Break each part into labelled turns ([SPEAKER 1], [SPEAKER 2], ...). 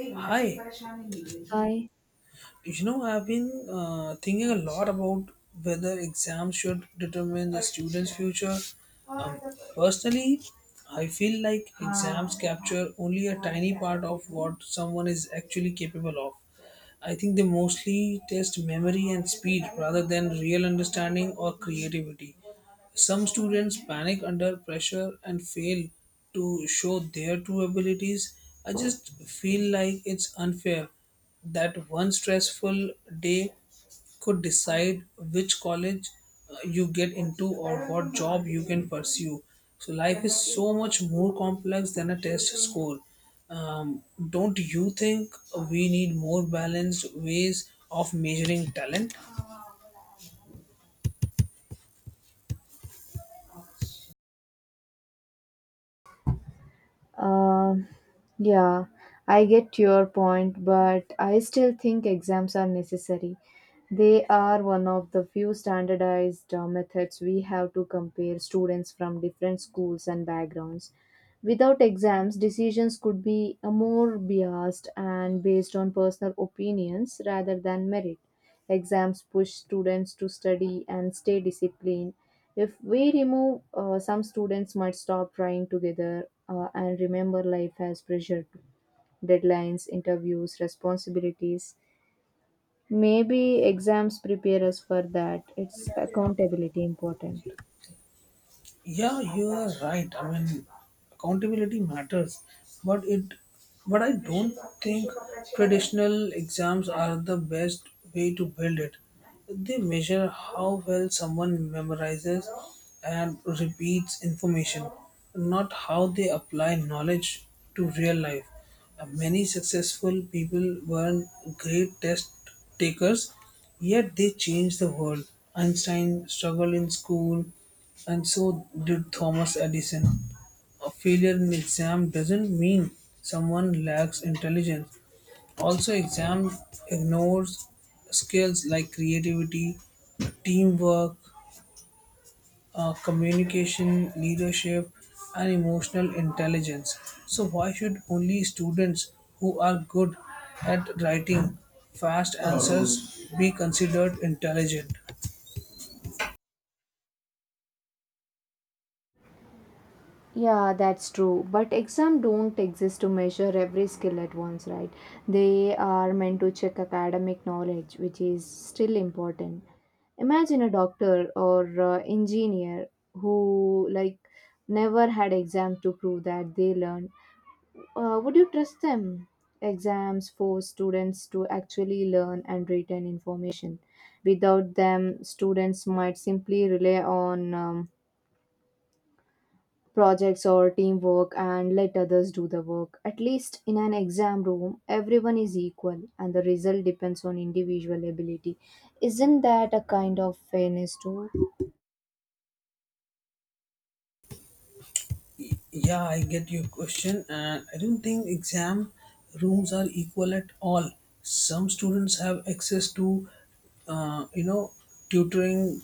[SPEAKER 1] Hi,
[SPEAKER 2] I,
[SPEAKER 1] I've been thinking a lot about whether exams should determine a student's future. Um, Personally, I feel like exams capture only a tiny part of what someone is actually capable of. I think they mostly test memory and speed rather than real understanding or creativity. Some students panic under pressure and fail to show their true abilities. I just feel like it's unfair that one stressful day could decide which college, you get into, or what job you can pursue. So life is so much more complex than a test score. Um, don't you think we need more balanced ways of measuring talent?
[SPEAKER 2] um, yeah, I get your point, but I still think exams are necessary. They are one of the few standardized methods we have to compare students from different schools and backgrounds. Without exams, decisions could be more biased and based on personal opinions rather than merit. Exams push students to study and stay disciplined. If we remove, some students might stop trying together and remember life has pressure too, deadlines, interviews, responsibilities. Maybe exams prepare us for that. It's accountability important.
[SPEAKER 1] Yeah, you are right. I mean, accountability matters, but it but I don't think traditional exams are the best way to build it. They measure how well someone memorizes and repeats information, not how they apply knowledge to real life. Many successful people weren't great test takers, yet they changed the world. Einstein struggled in school, and so did Thomas Edison. A failure in exam doesn't mean someone lacks intelligence. Also, exam ignores skills like creativity, teamwork, communication, leadership, and emotional intelligence. So, why should only students who are good at writing fast answers be considered intelligent?
[SPEAKER 2] Yeah, that's true. But exam don't exist to measure every skill at once, right? They are meant to check academic knowledge, which is still important. Imagine a doctor or engineer who like never had exam to prove that they learned. Would you trust them? Exams force students to actually learn and retain information. Without them, students might simply rely on projects or teamwork and let others do the work. At least in an exam room, everyone is equal and the result depends on individual ability. Isn't that a kind of fairness too?
[SPEAKER 1] Yeah, I get your question, and I don't think exam rooms are equal at all. Some students have access to, uh, you know, tutoring,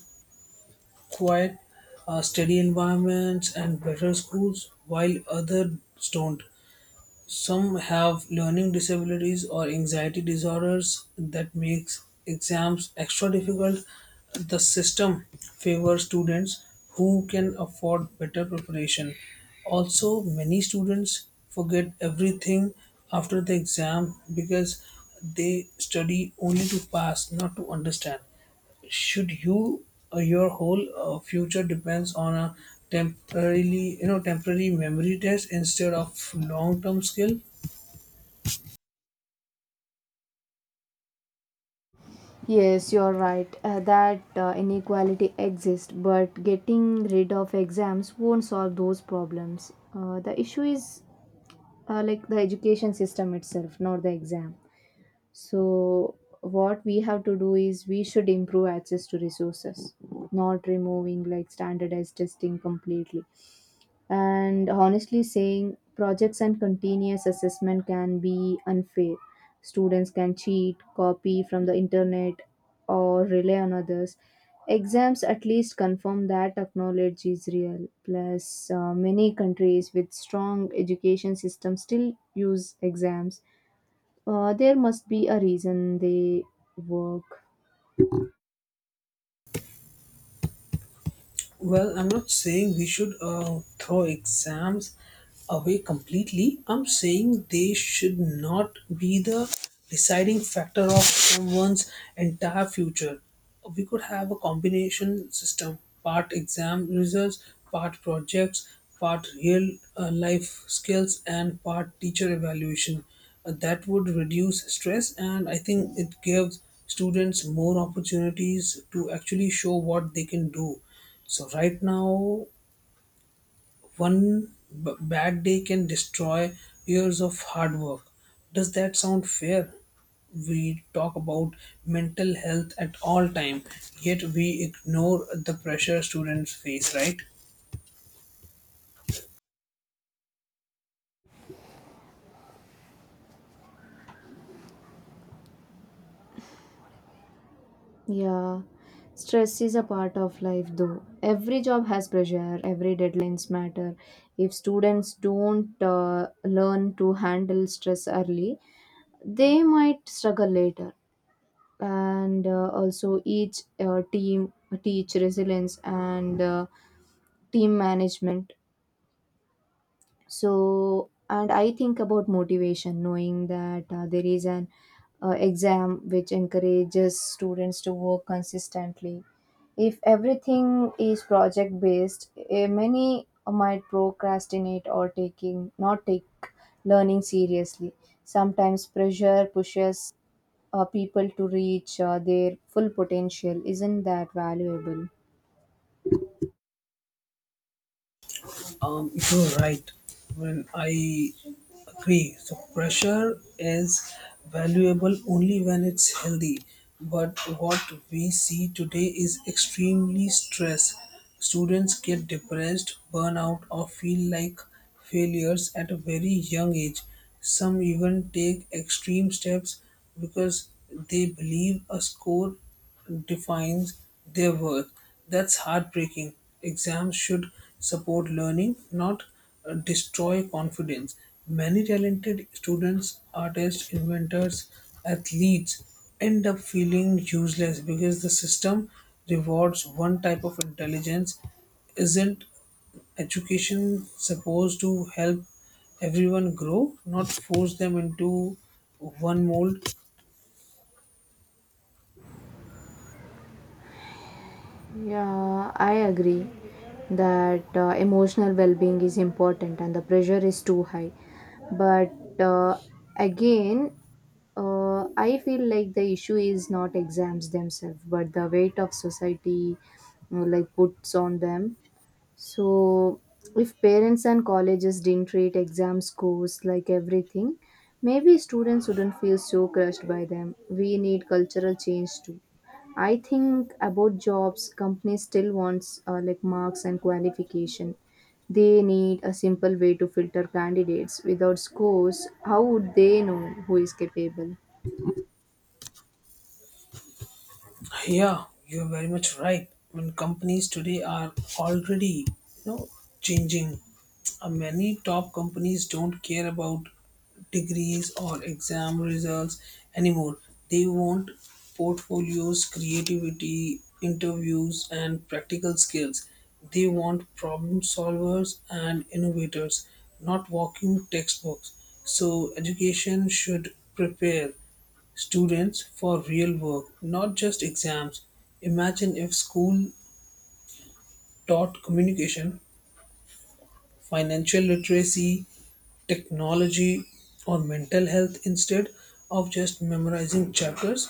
[SPEAKER 1] quiet, study environments, and better schools, while others don't. Some have learning disabilities or anxiety disorders that makes exams extra difficult. The system favors students who can afford better preparation. Also, many students forget everything after the exam because they study only to pass, not to understand. Should you your whole future depends on a temporarily you know temporary memory test instead of long term skill.
[SPEAKER 2] Yes, you're right. That inequality exists, but getting rid of exams won't solve those problems. The issue is like the education system itself, not the exam. So, what we have to do is we should improve access to resources, not removing like standardized testing completely, and honestly saying projects and continuous assessment can be unfair. Students can cheat, copy from the internet or rely on others. Exams at least confirm that knowledge is real. Plus, many countries with strong education systems still use exams. There must be a reason they work.
[SPEAKER 1] Well, I'm not saying we should throw exams away completely. I'm saying they should not be the deciding factor of someone's entire future. We could have a combination system: part exam results, part projects, part real life skills, and part teacher evaluation. That would reduce stress, and I think it gives students more opportunities to actually show what they can do. So right now, one bad day can destroy years of hard work. Does that sound fair? We talk about mental health at all time, yet we ignore the pressure students face, right?
[SPEAKER 2] Yeah, stress is a part of life though. Every job has pressure, every deadlines matter. If students don't learn to handle stress early, they might struggle later. And also, each team teach resilience and team management. So, and I think about motivation, knowing that there is an exam which encourages students to work consistently. If everything is project based, eh, many might procrastinate or taking not take learning seriously. Sometimes pressure pushes people to reach their full potential. Isn't that valuable?
[SPEAKER 1] You're right. When I agree, so pressure is valuable only when it's healthy. But what we see today is extremely stress. Students get depressed, burn out, or feel like failures at a very young age. Some even take extreme steps because they believe a score defines their worth. That's heartbreaking. Exams should support learning, not destroy confidence. Many talented students, artists, inventors, athletes end up feeling useless because the system rewards one type of intelligence. Isn't education supposed to help everyone grow, not force them into one mold?
[SPEAKER 2] Yeah, I agree that emotional well being is important and the pressure is too high. But uh, again, Uh, I feel like the issue is not exams themselves, but the weight of society like puts on them. So if parents and colleges didn't treat exam scores like everything, maybe students wouldn't feel so crushed by them. We need cultural change too. I think about jobs, companies still wants like marks and qualification. They need a simple way to filter candidates. Without scores, how would they know who is capable?
[SPEAKER 1] Yeah, you're very much right. When companies today are already, changing. Many top companies don't care about degrees or exam results anymore. They want portfolios, creativity, interviews, and practical skills. They want problem solvers and innovators, not walking textbooks. So education should prepare students for real work, not just exams. Imagine if school taught communication, financial literacy, technology, or mental health instead of just memorizing chapters.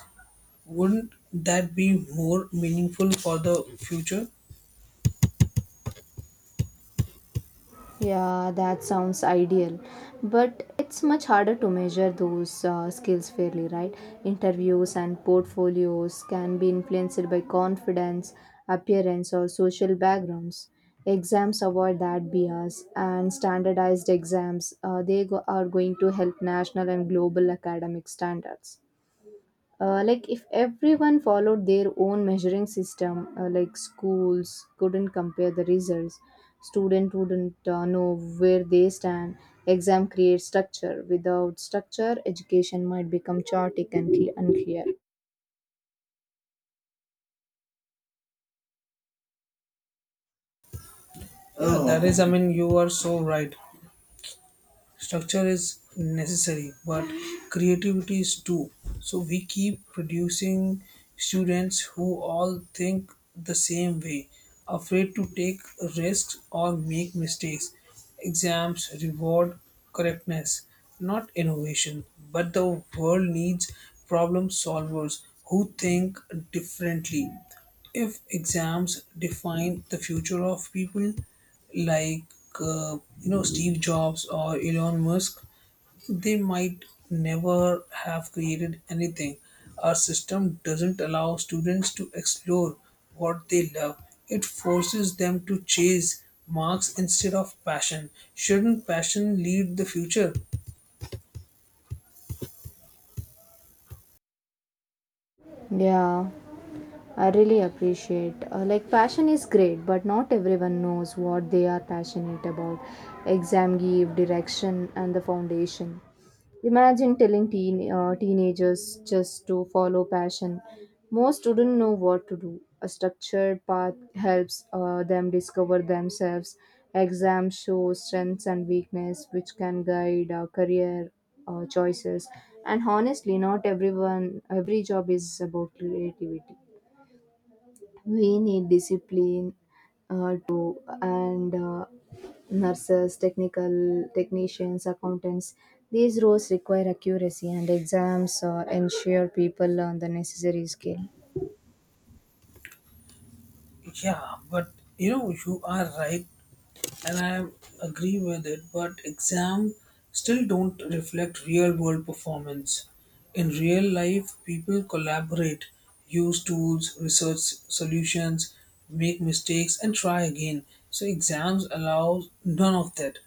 [SPEAKER 1] Wouldn't that be more meaningful for the future?
[SPEAKER 2] Yeah, that sounds ideal. But it's much harder to measure those skills fairly, right? Interviews and portfolios can be influenced by confidence, appearance, or social backgrounds. Exams avoid that bias, and standardized exams are going to help national and global academic standards. Like if everyone followed their own measuring system, like schools couldn't compare the results. Student wouldn't know where they stand. Exam creates structure. Without structure, education might become chaotic and unclear.
[SPEAKER 1] That is, I mean, you are so right. Structure is necessary, but creativity is too. So we keep producing students who all think the same way, afraid to take risks or make mistakes. Exams reward correctness, not innovation, but the world needs problem solvers who think differently. If exams define the future of people like, Steve Jobs or Elon Musk, they might never have created anything. Our system doesn't allow students to explore what they love. It forces them to chase marks instead of passion. Shouldn't passion lead the future?
[SPEAKER 2] Yeah, I really appreciate. Like, passion is great, but not everyone knows what they are passionate about. Exam give direction and the foundation. Imagine telling teenagers just to follow passion. Most wouldn't know what to do. A structured path helps them discover themselves. Exam shows strengths and weakness, which can guide our career choices. And honestly, not everyone, every job is about creativity. We need discipline to and nurses, technical technicians, accountants. These roles require accuracy and exams ensure people learn the necessary skill.
[SPEAKER 1] Yeah, but you are right and I agree with it, but exam still don't reflect real world performance. In real life, people collaborate, use tools, research solutions, make mistakes, and try again. So exams allow none of that.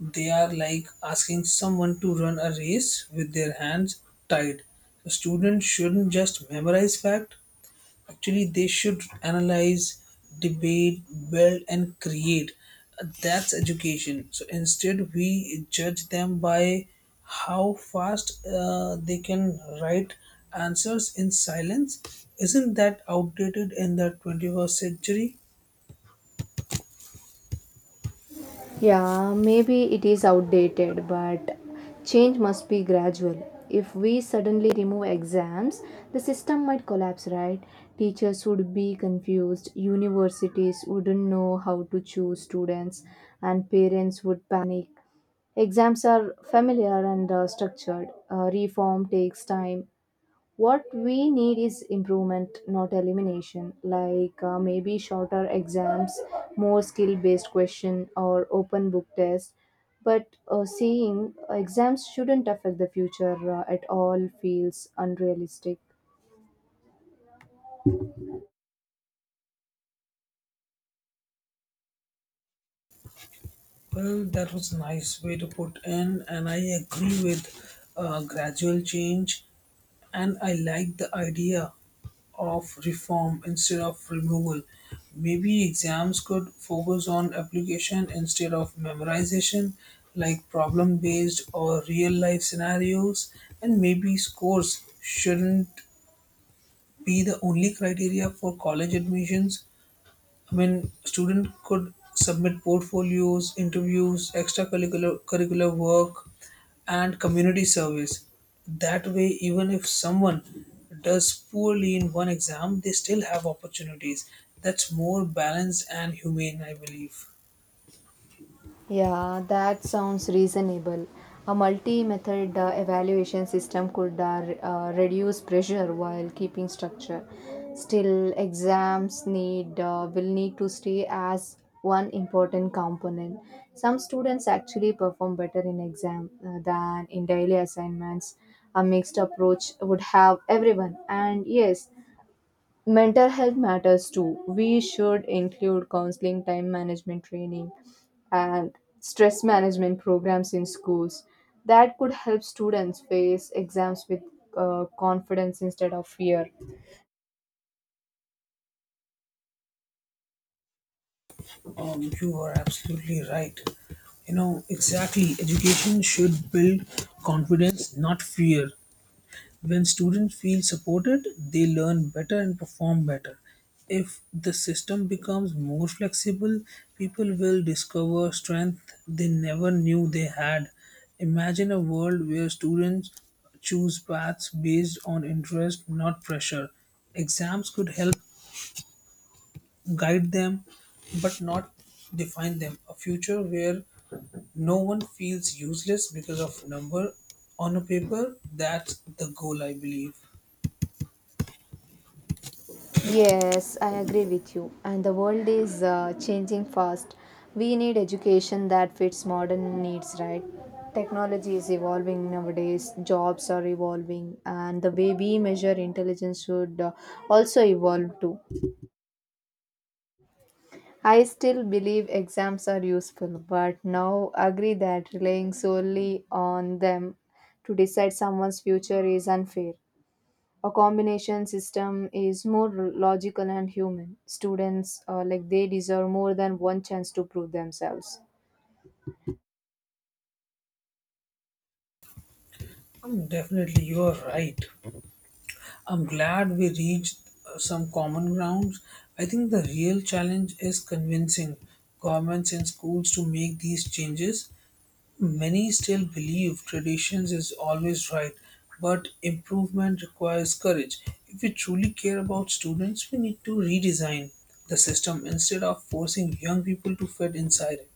[SPEAKER 1] They are like asking someone to run a race with their hands tied. So students shouldn't just memorize fact, actually they should analyze, debate, build, and create. That's education. So instead we judge them by how fast they can write answers in silence. Isn't that outdated in the 21st century?
[SPEAKER 2] Yeah, maybe it is outdated, but change must be gradual. If we suddenly remove exams, the system might collapse, right? Teachers would be confused, universities wouldn't know how to choose students, and parents would panic. Exams are familiar and structured. Reform takes time. What we need is improvement, not elimination, like maybe shorter exams, more skill based question, or open book test. But saying exams shouldn't affect the future at all feels unrealistic.
[SPEAKER 1] Well, that was a nice way to put in, and I agree with gradual change. And I like the idea of reform instead of removal. Maybe exams could focus on application instead of memorization, like problem based or real life scenarios. And maybe scores shouldn't be the only criteria for college admissions. I mean, student could submit portfolios, interviews, extracurricular curricular work, and community service. That way, even if someone does poorly in one exam, they still have opportunities. That's more balanced and humane, I believe.
[SPEAKER 2] Yeah, that sounds reasonable. A multi-method evaluation system could reduce pressure while keeping structure. Still, exams need will need to stay as one important component. Some students actually perform better in exam than in daily assignments. A mixed approach would have everyone. And yes, mental health matters too. We should include counseling, time management training, and stress management programs in schools. That could help students face exams with confidence instead of fear.
[SPEAKER 1] You are absolutely right. You know, exactly. Education should build confidence, not fear. When students feel supported, they learn better and perform better. If the system becomes more flexible, people will discover strength they never knew they had. Imagine a world where students choose paths based on interest, not pressure. Exams could help guide them, but not define them. A future where no one feels useless because of number on a paper, that's the goal, I believe.
[SPEAKER 2] Yes, I agree with you. And the world is changing fast. We need education that fits modern needs, right? Technology is evolving nowadays, jobs are evolving, and the way we measure intelligence should also evolve too. I still believe exams are useful, but now agree that relying solely on them to decide someone's future is unfair. A combination system is more logical and human. Students, like they deserve more than one chance to prove themselves.
[SPEAKER 1] Definitely, you are right. I'm glad we reached some common grounds. I think the real challenge is convincing governments and schools to make these changes. Many still believe traditions is always right, but improvement requires courage. If we truly care about students, we need to redesign the system instead of forcing young people to fit inside it.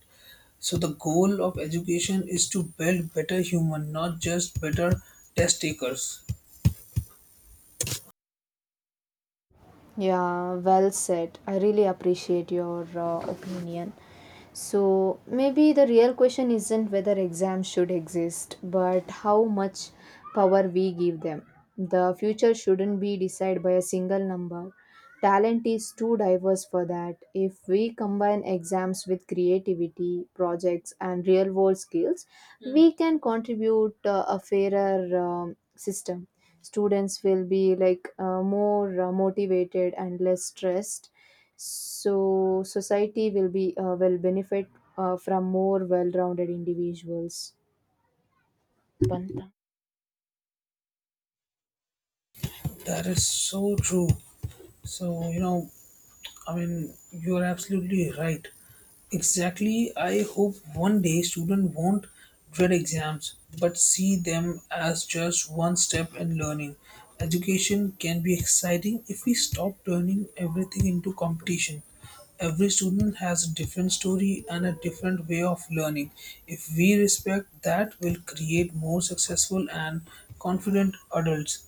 [SPEAKER 1] So the goal of education is to build better human, not just better test takers.
[SPEAKER 2] Yeah, well said. I really appreciate your opinion. So, maybe the real question isn't whether exams should exist, but how much power we give them. The future shouldn't be decided by a single number. Talent is too diverse for that. If we combine exams with creativity, projects, and real world skills, hmm, we can contribute a fairer um, system. Students will be like more motivated and less stressed. So, society will be will benefit from more well rounded individuals. Panta.
[SPEAKER 1] That is so true. So, you're absolutely right. Exactly. I hope one day students won't dread exams but see them as just one step in learning. Education can be exciting if we stop turning everything into competition. Every student has a different story and a different way of learning. If we respect that, we'll create more successful and confident adults.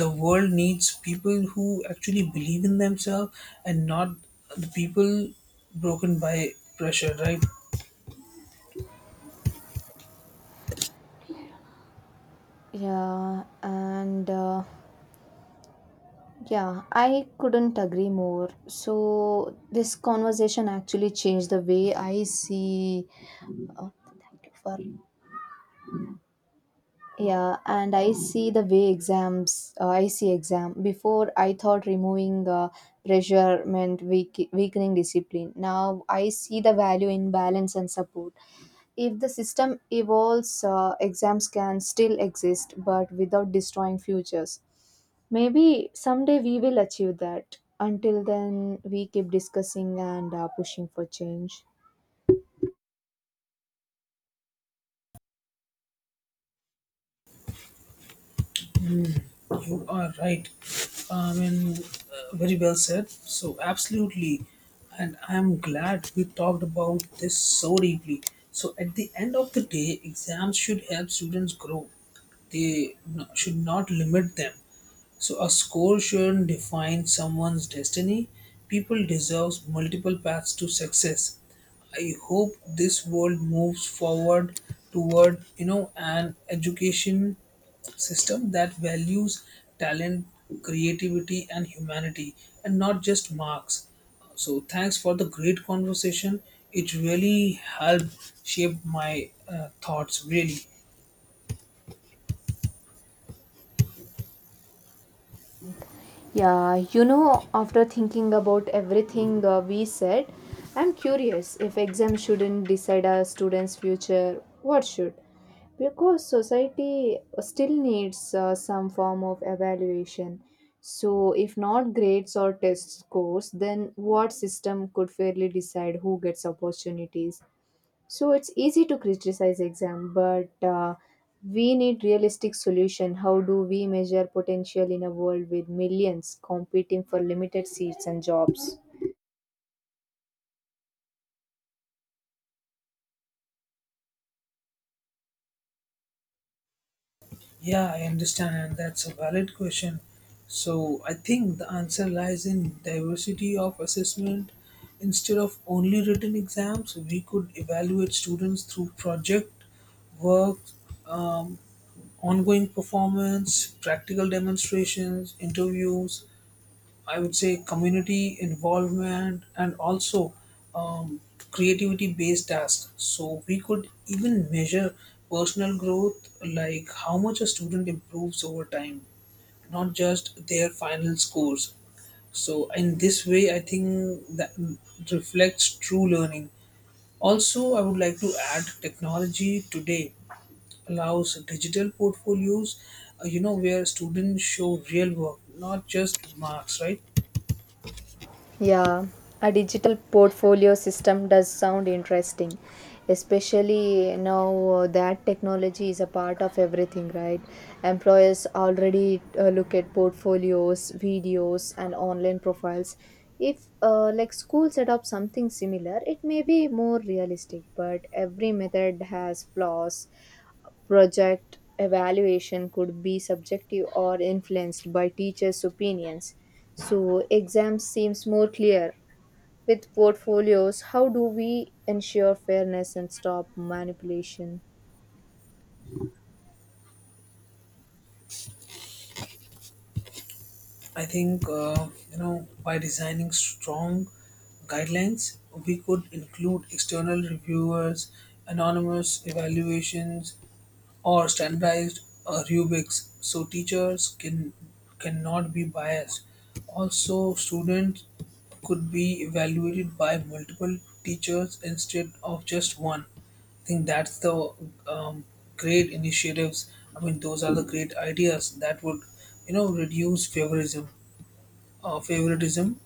[SPEAKER 1] The world needs people who actually believe in themselves and not the people broken by pressure, right?
[SPEAKER 2] Yeah, and. Yeah, I couldn't agree more. So, this conversation actually changed the way I see. Oh, thank you for. Yeah, and I see the way exams. I see exam. Before I thought removing pressure meant weakening discipline. Now I see the value in balance and support. If the system evolves, exams can still exist but without destroying futures. Maybe someday we will achieve that. Until then, we keep discussing and pushing for change.
[SPEAKER 1] You are right. I mean, very well said. So, absolutely. And I'm glad we talked about this so deeply. So, at the end of the day, exams should help students grow, they should not limit them. So, a score shouldn't define someone's destiny. People deserve multiple paths to success. I hope this world moves forward toward, an education system that values talent, creativity, and humanity, and not just marks. So, thanks for the great conversation. It really helped shape my thoughts, really.
[SPEAKER 2] Yeah, you know, after thinking about everything we said, I'm curious, if exams shouldn't decide a student's future, what should? Because society still needs some form of evaluation. So, if not grades or test scores, then what system could fairly decide who gets opportunities? So it's easy to criticize exam, but we need realistic solution. How do we measure potential in a world with millions competing for limited seats and jobs?
[SPEAKER 1] Yeah, I understand, and that's a valid question. So, I think the answer lies in diversity of assessment. Instead of only written exams, we could evaluate students through project work, um, ongoing performance, practical demonstrations, interviews, I would say community involvement, and also um, creativity based tasks. So we could even measure personal growth, like how much a student improves over time, not just their final scores. So in this way, I think that reflects true learning. Also, I would like to add technology today allows digital portfolios, where students show real work, not just marks, right?
[SPEAKER 2] Yeah, a digital portfolio system does sound interesting, especially now that technology is a part of everything, right? Employers already look at portfolios, videos, and online profiles. If like school set up something similar, it may be more realistic, but every method has flaws. Project evaluation could be subjective or influenced by teachers' opinions. So, exams seems more clear. With portfolios, how do we ensure fairness and stop manipulation?
[SPEAKER 1] I think, by designing strong guidelines, we could include external reviewers, anonymous evaluations, or standardized rubrics so teachers can cannot be biased. Also students could be evaluated by multiple teachers instead of just one. I think that's the um, great initiatives. I mean, those are the great ideas that would, reduce favorism favoritism.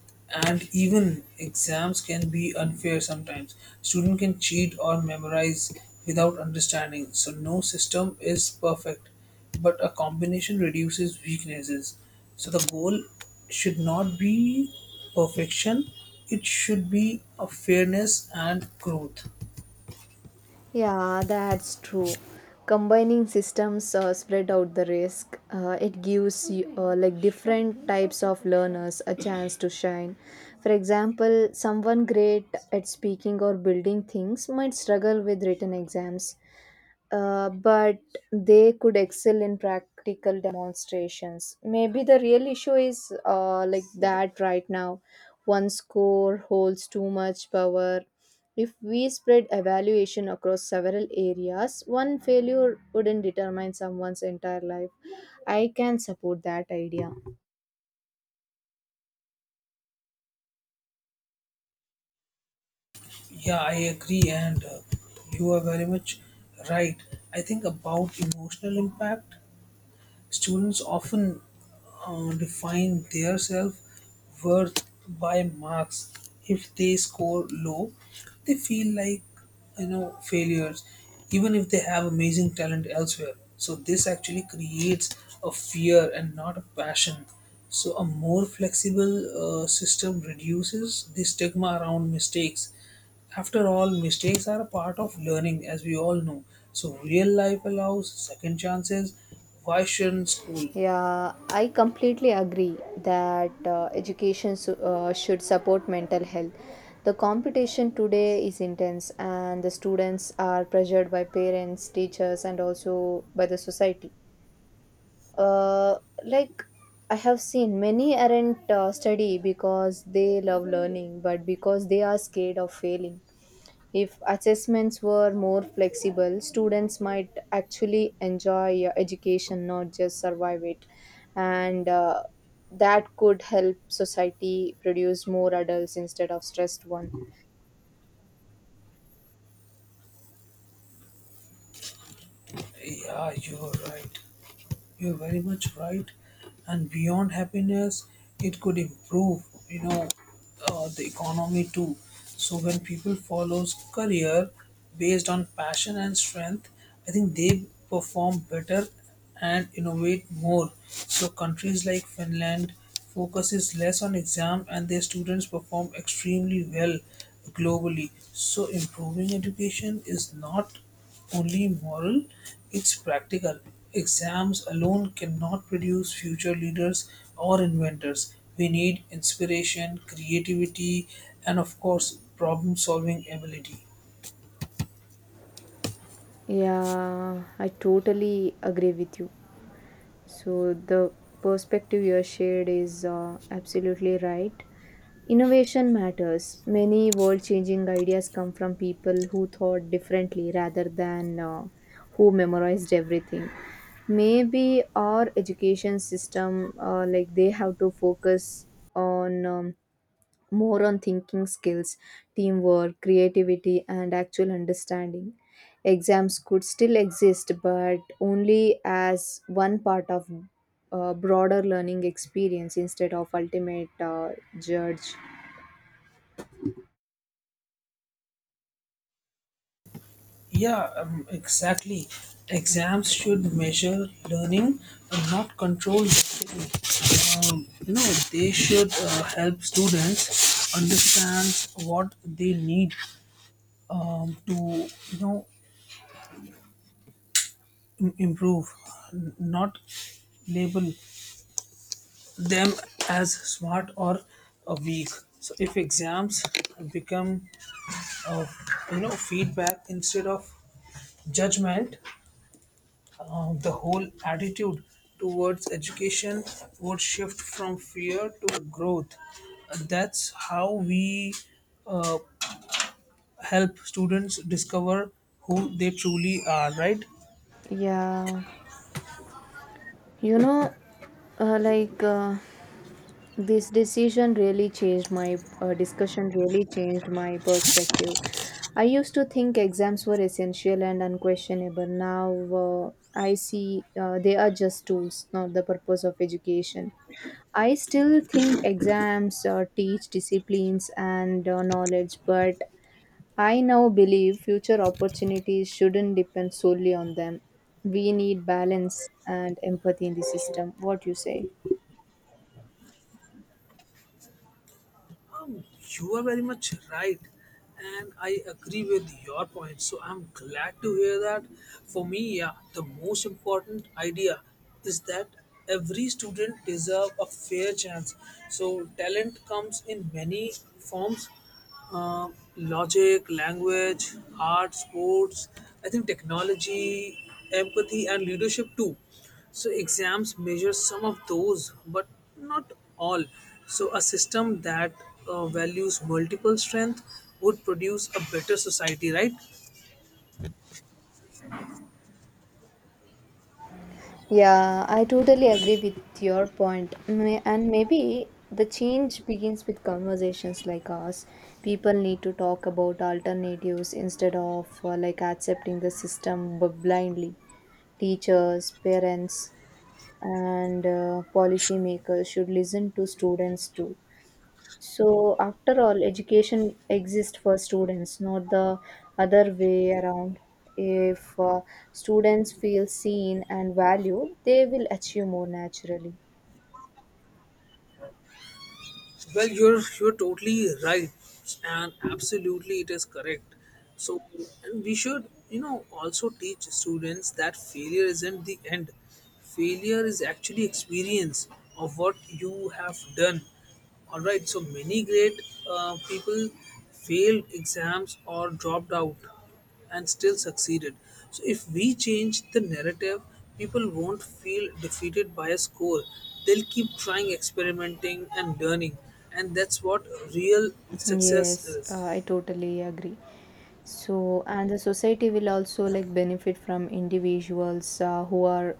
[SPEAKER 1] And even exams can be unfair sometimes. Student can cheat or memorize without understanding, so no system is perfect, but a combination reduces weaknesses. So the goal should not be perfection, it should be a fairness and growth.
[SPEAKER 2] Yeah, that's true. Combining systems spread out the risk. It gives you, like different types of learners a chance to shine. For example, someone great at speaking or building things might struggle with written exams, but they could excel in practical demonstrations. Maybe the real issue is like that right now. One score holds too much power. If we spread evaluation across several areas, one failure wouldn't determine someone's entire life. I can support that idea.
[SPEAKER 1] Yeah, I agree, and you are very much right. I think about emotional impact. Students often define their self worth by marks. If they score low, they feel like, failures, even if they have amazing talent elsewhere. So this actually creates a fear and not a passion. So a more flexible system reduces the stigma around mistakes. After all, mistakes are a part of learning, as we all know. So, real life allows second chances. Why shouldn't school?
[SPEAKER 2] Yeah, I completely agree that education should support mental health. The competition today is intense, and the students are pressured by parents, teachers, and also by the society. Uh, like I have seen many aren't study because they love learning, but because they are scared of failing. If assessments were more flexible, students might actually enjoy education, not just survive it. And that could help society produce more adults instead of stressed one.
[SPEAKER 1] Yeah, you're right. You're very much right. And beyond happiness, it could improve, the economy too. So when people follows career based on passion and strength, I think they perform better and innovate more. So countries like Finland focuses less on exam and their students perform extremely well globally. So improving education is not only moral, it's practical. Exams alone cannot produce future leaders or inventors. We need inspiration, creativity, and of course, problem solving ability.
[SPEAKER 2] Yeah, I totally agree with you. So the perspective you shared is absolutely right. Innovation matters. Many world changing ideas come from people who thought differently rather than who memorized everything. Maybe our education system, like they have to focus on more on thinking skills, teamwork, creativity, and actual understanding. Exams could still exist, but only as one part of a broader learning experience instead of ultimate judge.
[SPEAKER 1] Yeah, exactly. Exams should measure learning and not control. Um, you know, they should help students understand what they need to, improve, not label them as smart or weak. So if exams become, uh, feedback instead of judgment, the whole attitude towards education would shift from fear to growth. That's how we uh, help students discover who they truly are, right?
[SPEAKER 2] Yeah, you know, uh, like uh, this decision really changed my discussion really changed my perspective. I used to think exams were essential and unquestionable. Now, uh, I see they are just tools, not the purpose of education. I still think exams teach disciplines and knowledge, but I now believe future opportunities shouldn't depend solely on them. We need balance and empathy in the system. What you say?
[SPEAKER 1] Um, you are very much right, and I agree with your point. So I'm glad to hear that. For me, yeah, the most important idea is that every student deserve a fair chance. So talent comes in many forms, uh, logic, language, art, sports, I think technology, empathy, and leadership too. So exams measure some of those, but not all. So a system that values multiple strength would produce a better society, right?
[SPEAKER 2] Yeah, I totally agree with your point. And maybe the change begins with conversations like ours. People need to talk about alternatives instead of accepting the system blindly. Teachers, parents, and policymakers should listen to students too. So, after all, education exists for students, not the other way around. If students feel seen and valued, they will achieve more naturally.
[SPEAKER 1] Well, you're totally right, and absolutely it is correct. So, and we should, you know, also teach students that failure isn't the end. Failure is actually experience of what you have done. All right. So many great people failed exams or dropped out and still succeeded. So if we change the narrative, people won't feel defeated by a score. They'll keep trying, experimenting, and learning. And that's what real success
[SPEAKER 2] Yes, I
[SPEAKER 1] is.
[SPEAKER 2] totally agree. And the society will also like benefit from individuals who are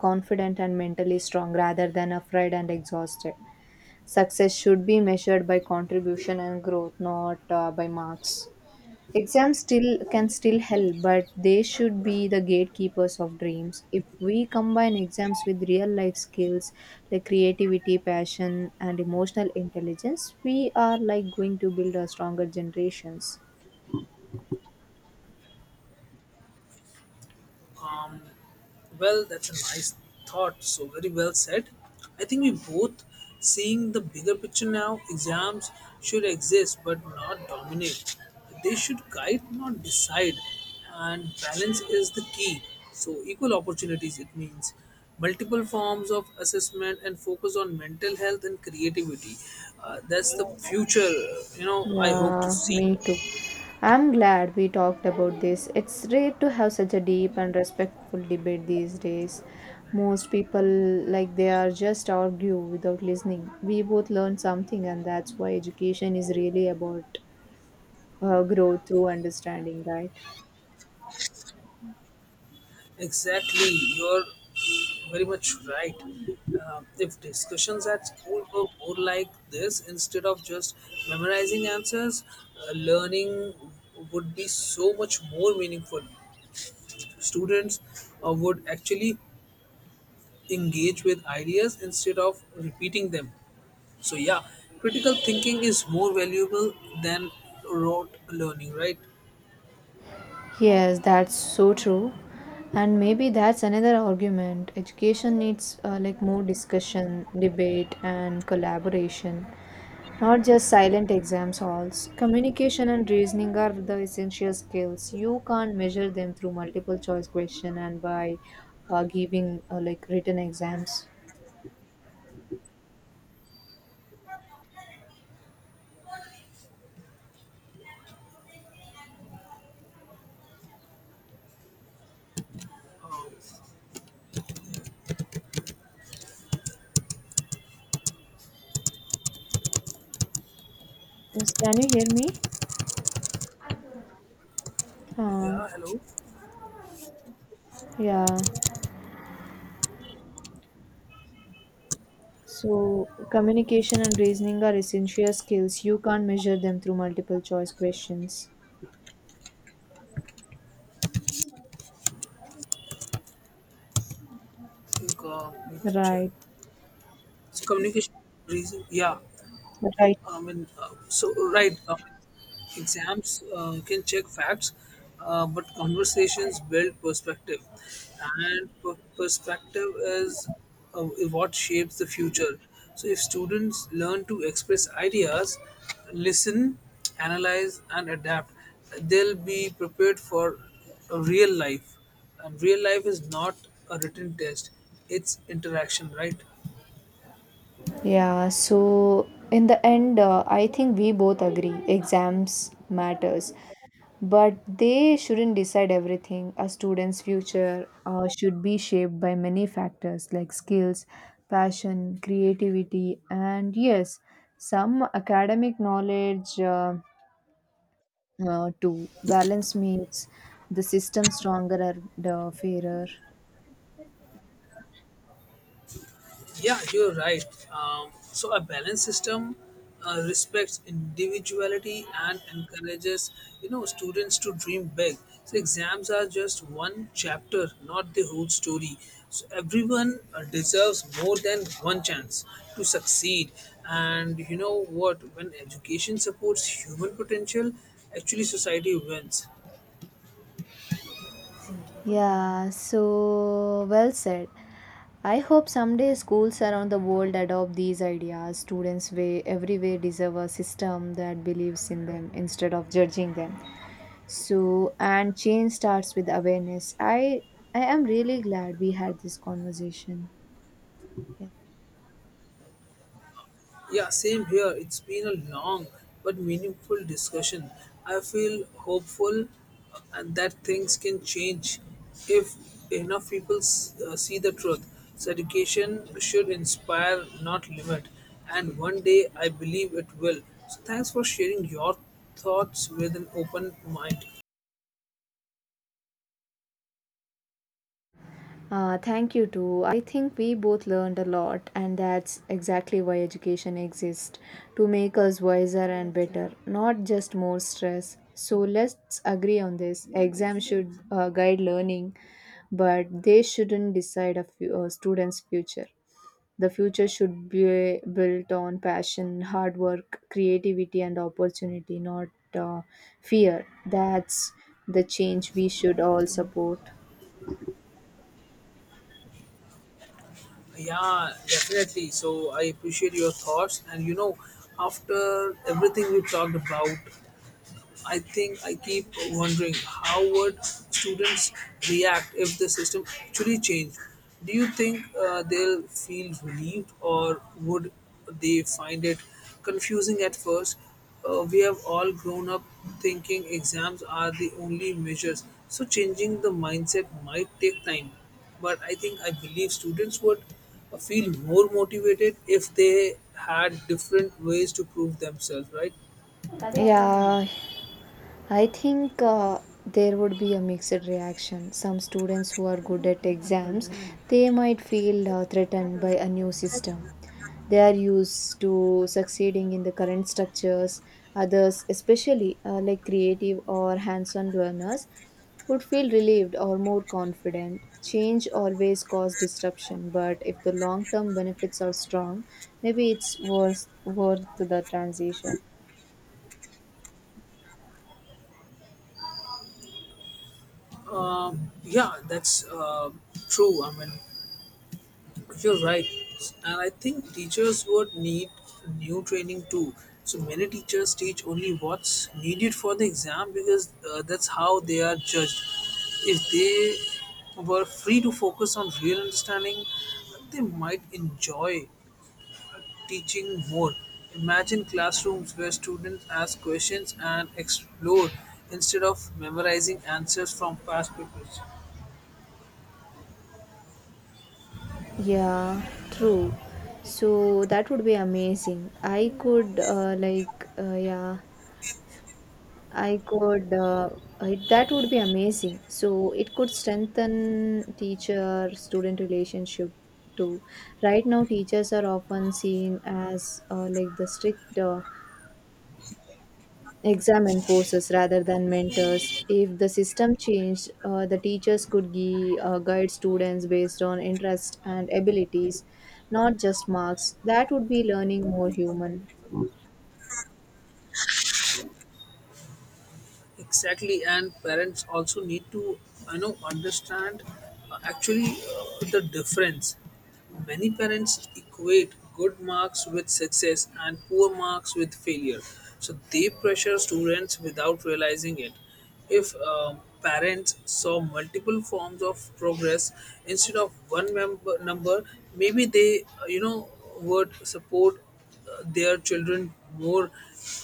[SPEAKER 2] confident and mentally strong rather than afraid and exhausted. Success should be measured by contribution and growth, not by marks. Exams still can still help, but they should be the gatekeepers of dreams. If we combine exams with real life skills like creativity, passion, and emotional intelligence, we are like going to build a stronger generations.
[SPEAKER 1] Um, well, that's a nice thought. So very well said. I think we both seeing the bigger picture now. Exams should exist but not dominate. They should guide, not decide. And balance is the key. So equal opportunities. It means multiple forms of assessment and focus on mental health and creativity. That's the future. You know, I hope to
[SPEAKER 2] Yeah,
[SPEAKER 1] see.
[SPEAKER 2] me too. I'm glad we talked about this. It's rare to have such a deep and respectful debate these days. Most people, like, they are just argue without listening. We both learn something, and that's why education is really about growth through understanding, right?
[SPEAKER 1] Exactly, you're very much right. If discussions at school were more like this instead of just memorizing answers, learning would be so much more meaningful. Students would actually engage with ideas instead of repeating them. So, yeah, critical thinking is more valuable than rote learning, right?
[SPEAKER 2] Yes, that's so true. And maybe that's another argument. Education needs more discussion, debate, and collaboration, not just silent exams halls. Communication and reasoning are the essential skills. You can't measure them through multiple choice question and by giving written exams.
[SPEAKER 1] Uh,
[SPEAKER 2] Yes, can you hear me? Uh,
[SPEAKER 1] yeah, hello.
[SPEAKER 2] yeah. So, communication and reasoning are essential skills. You can't measure them through multiple choice questions.
[SPEAKER 1] I think need to check.
[SPEAKER 2] Right,
[SPEAKER 1] So communication reason, yeah.
[SPEAKER 2] right.
[SPEAKER 1] I mean, so right. Exams can check facts, but conversations build perspective, and perspective is uh, what shapes the future. So if students learn to express ideas, listen, analyze, and adapt, they'll be prepared for a real life. And real life is not a written test; it's interaction, right?
[SPEAKER 2] Yeah, so in the end, I think we both agree exams matters, but they shouldn't decide everything. A student's future should be shaped by many factors like skills, passion, creativity, and yes, some academic knowledge. To balance makes the system stronger and fairer.
[SPEAKER 1] Yeah, you're right. So a balanced system respects individuality and encourages, you know, students to dream big. So exams are just one chapter, not the whole story. So everyone deserves more than one chance to succeed. And you know what? When education supports human potential, actually society wins.
[SPEAKER 2] Yeah, so well said. I hope someday schools around the world adopt these ideas. Students way everywhere deserve a system that believes in them instead of judging them. So and change starts with awareness. I am really glad we had this conversation. Yes.
[SPEAKER 1] Yeah, same here. It's been a long but meaningful discussion. I feel hopeful and that things can change if enough people see the truth. So education should inspire, not limit. And one day I believe it will. So thanks for sharing your thoughts with an open mind.
[SPEAKER 2] Thank you too. I think we both learned a lot, and that's exactly why education exists to make us wiser and better, not just more stress. So let's agree on this. Exams should guide learning, but they shouldn't decide a a student's future. The future should be built on passion, hard work, creativity, and opportunity, not uh, fear. That's the change we should all support.
[SPEAKER 1] Yeah, definitely. So I appreciate your thoughts. And you know, after everything we talked about, I think I keep wondering how would students react if the system actually changed. Do you think they'll feel relieved or would they find it confusing at first? We have all grown up thinking exams are the only measures, so changing the mindset might take time. But I think I believe students would feel more motivated if they had different ways to prove themselves, right?
[SPEAKER 2] Yeah, I think there would be a mixed reaction. Some students who are good at exams, they might feel threatened by a new system. They are used to succeeding in the current structures. Others, especially creative or hands-on learners, would feel relieved or more confident. Change always causes disruption, but if the long-term benefits are strong, maybe it's worth the transition.
[SPEAKER 1] Yeah, that's true. I mean, you're right, and I think teachers would need new training too. So many teachers teach only what's needed for the exam because that's how they are judged. If they were free to focus on real understanding, they might enjoy teaching more. Imagine classrooms where students ask questions and explore instead of memorizing answers from past papers.
[SPEAKER 2] Yeah, true. So that would be amazing. I could like yeah, I could it, that would be amazing. So it could strengthen teacher student relationship too. Right now teachers are often seen as the strict exam enforcers rather than mentors. If the system changed, the teachers could guide students based on interest and abilities, not just marks. That would be learning more human.
[SPEAKER 1] Exactly, and parents also need to, you know, understand, actually, the difference. Many parents equate good marks with success and poor marks with failure, so they pressure students without realizing it. If, parents saw multiple forms of progress instead of one member number, maybe they, would support their children more,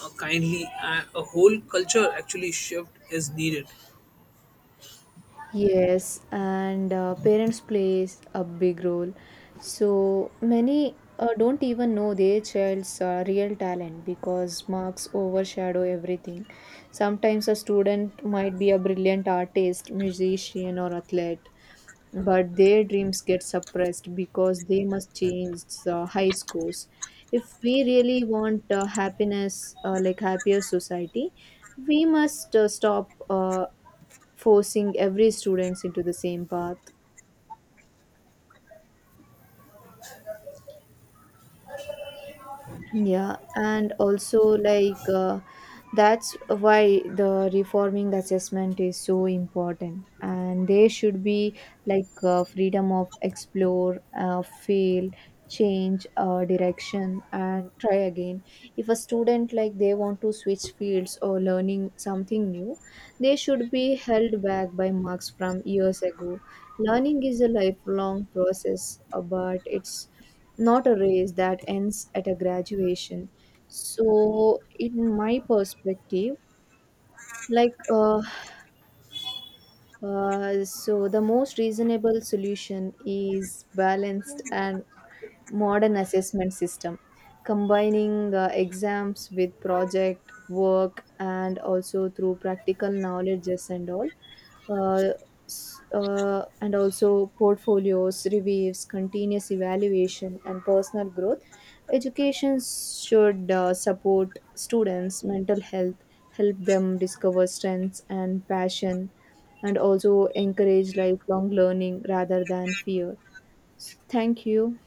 [SPEAKER 1] kindly. A whole culture actually shift is needed.
[SPEAKER 2] Yes, and parents plays a big role. So many don't even know their child's real talent because marks overshadow everything. Sometimes a student might be a brilliant artist, musician, or athlete, but their dreams get suppressed because they must change high scores. If we really want happiness, like happier society, we must stop. Forcing every students into the same path. Yeah, and also that's why the reforming assessment is so important, and there should be freedom of explore, fail, change direction, and try again. If a student like they want to switch fields or learning something new, they should be held back by marks from years ago. Learning is a lifelong process, but it's not a race that ends at a graduation. So, in my perspective, like, uh, the most reasonable solution is balanced and modern assessment system combining exams with project work and also through practical knowledges and all, uh, and also portfolios reviews, continuous evaluation, and personal growth. Education should support students mental health, help them discover strengths and passion, and also encourage lifelong learning rather than fear. Thank you.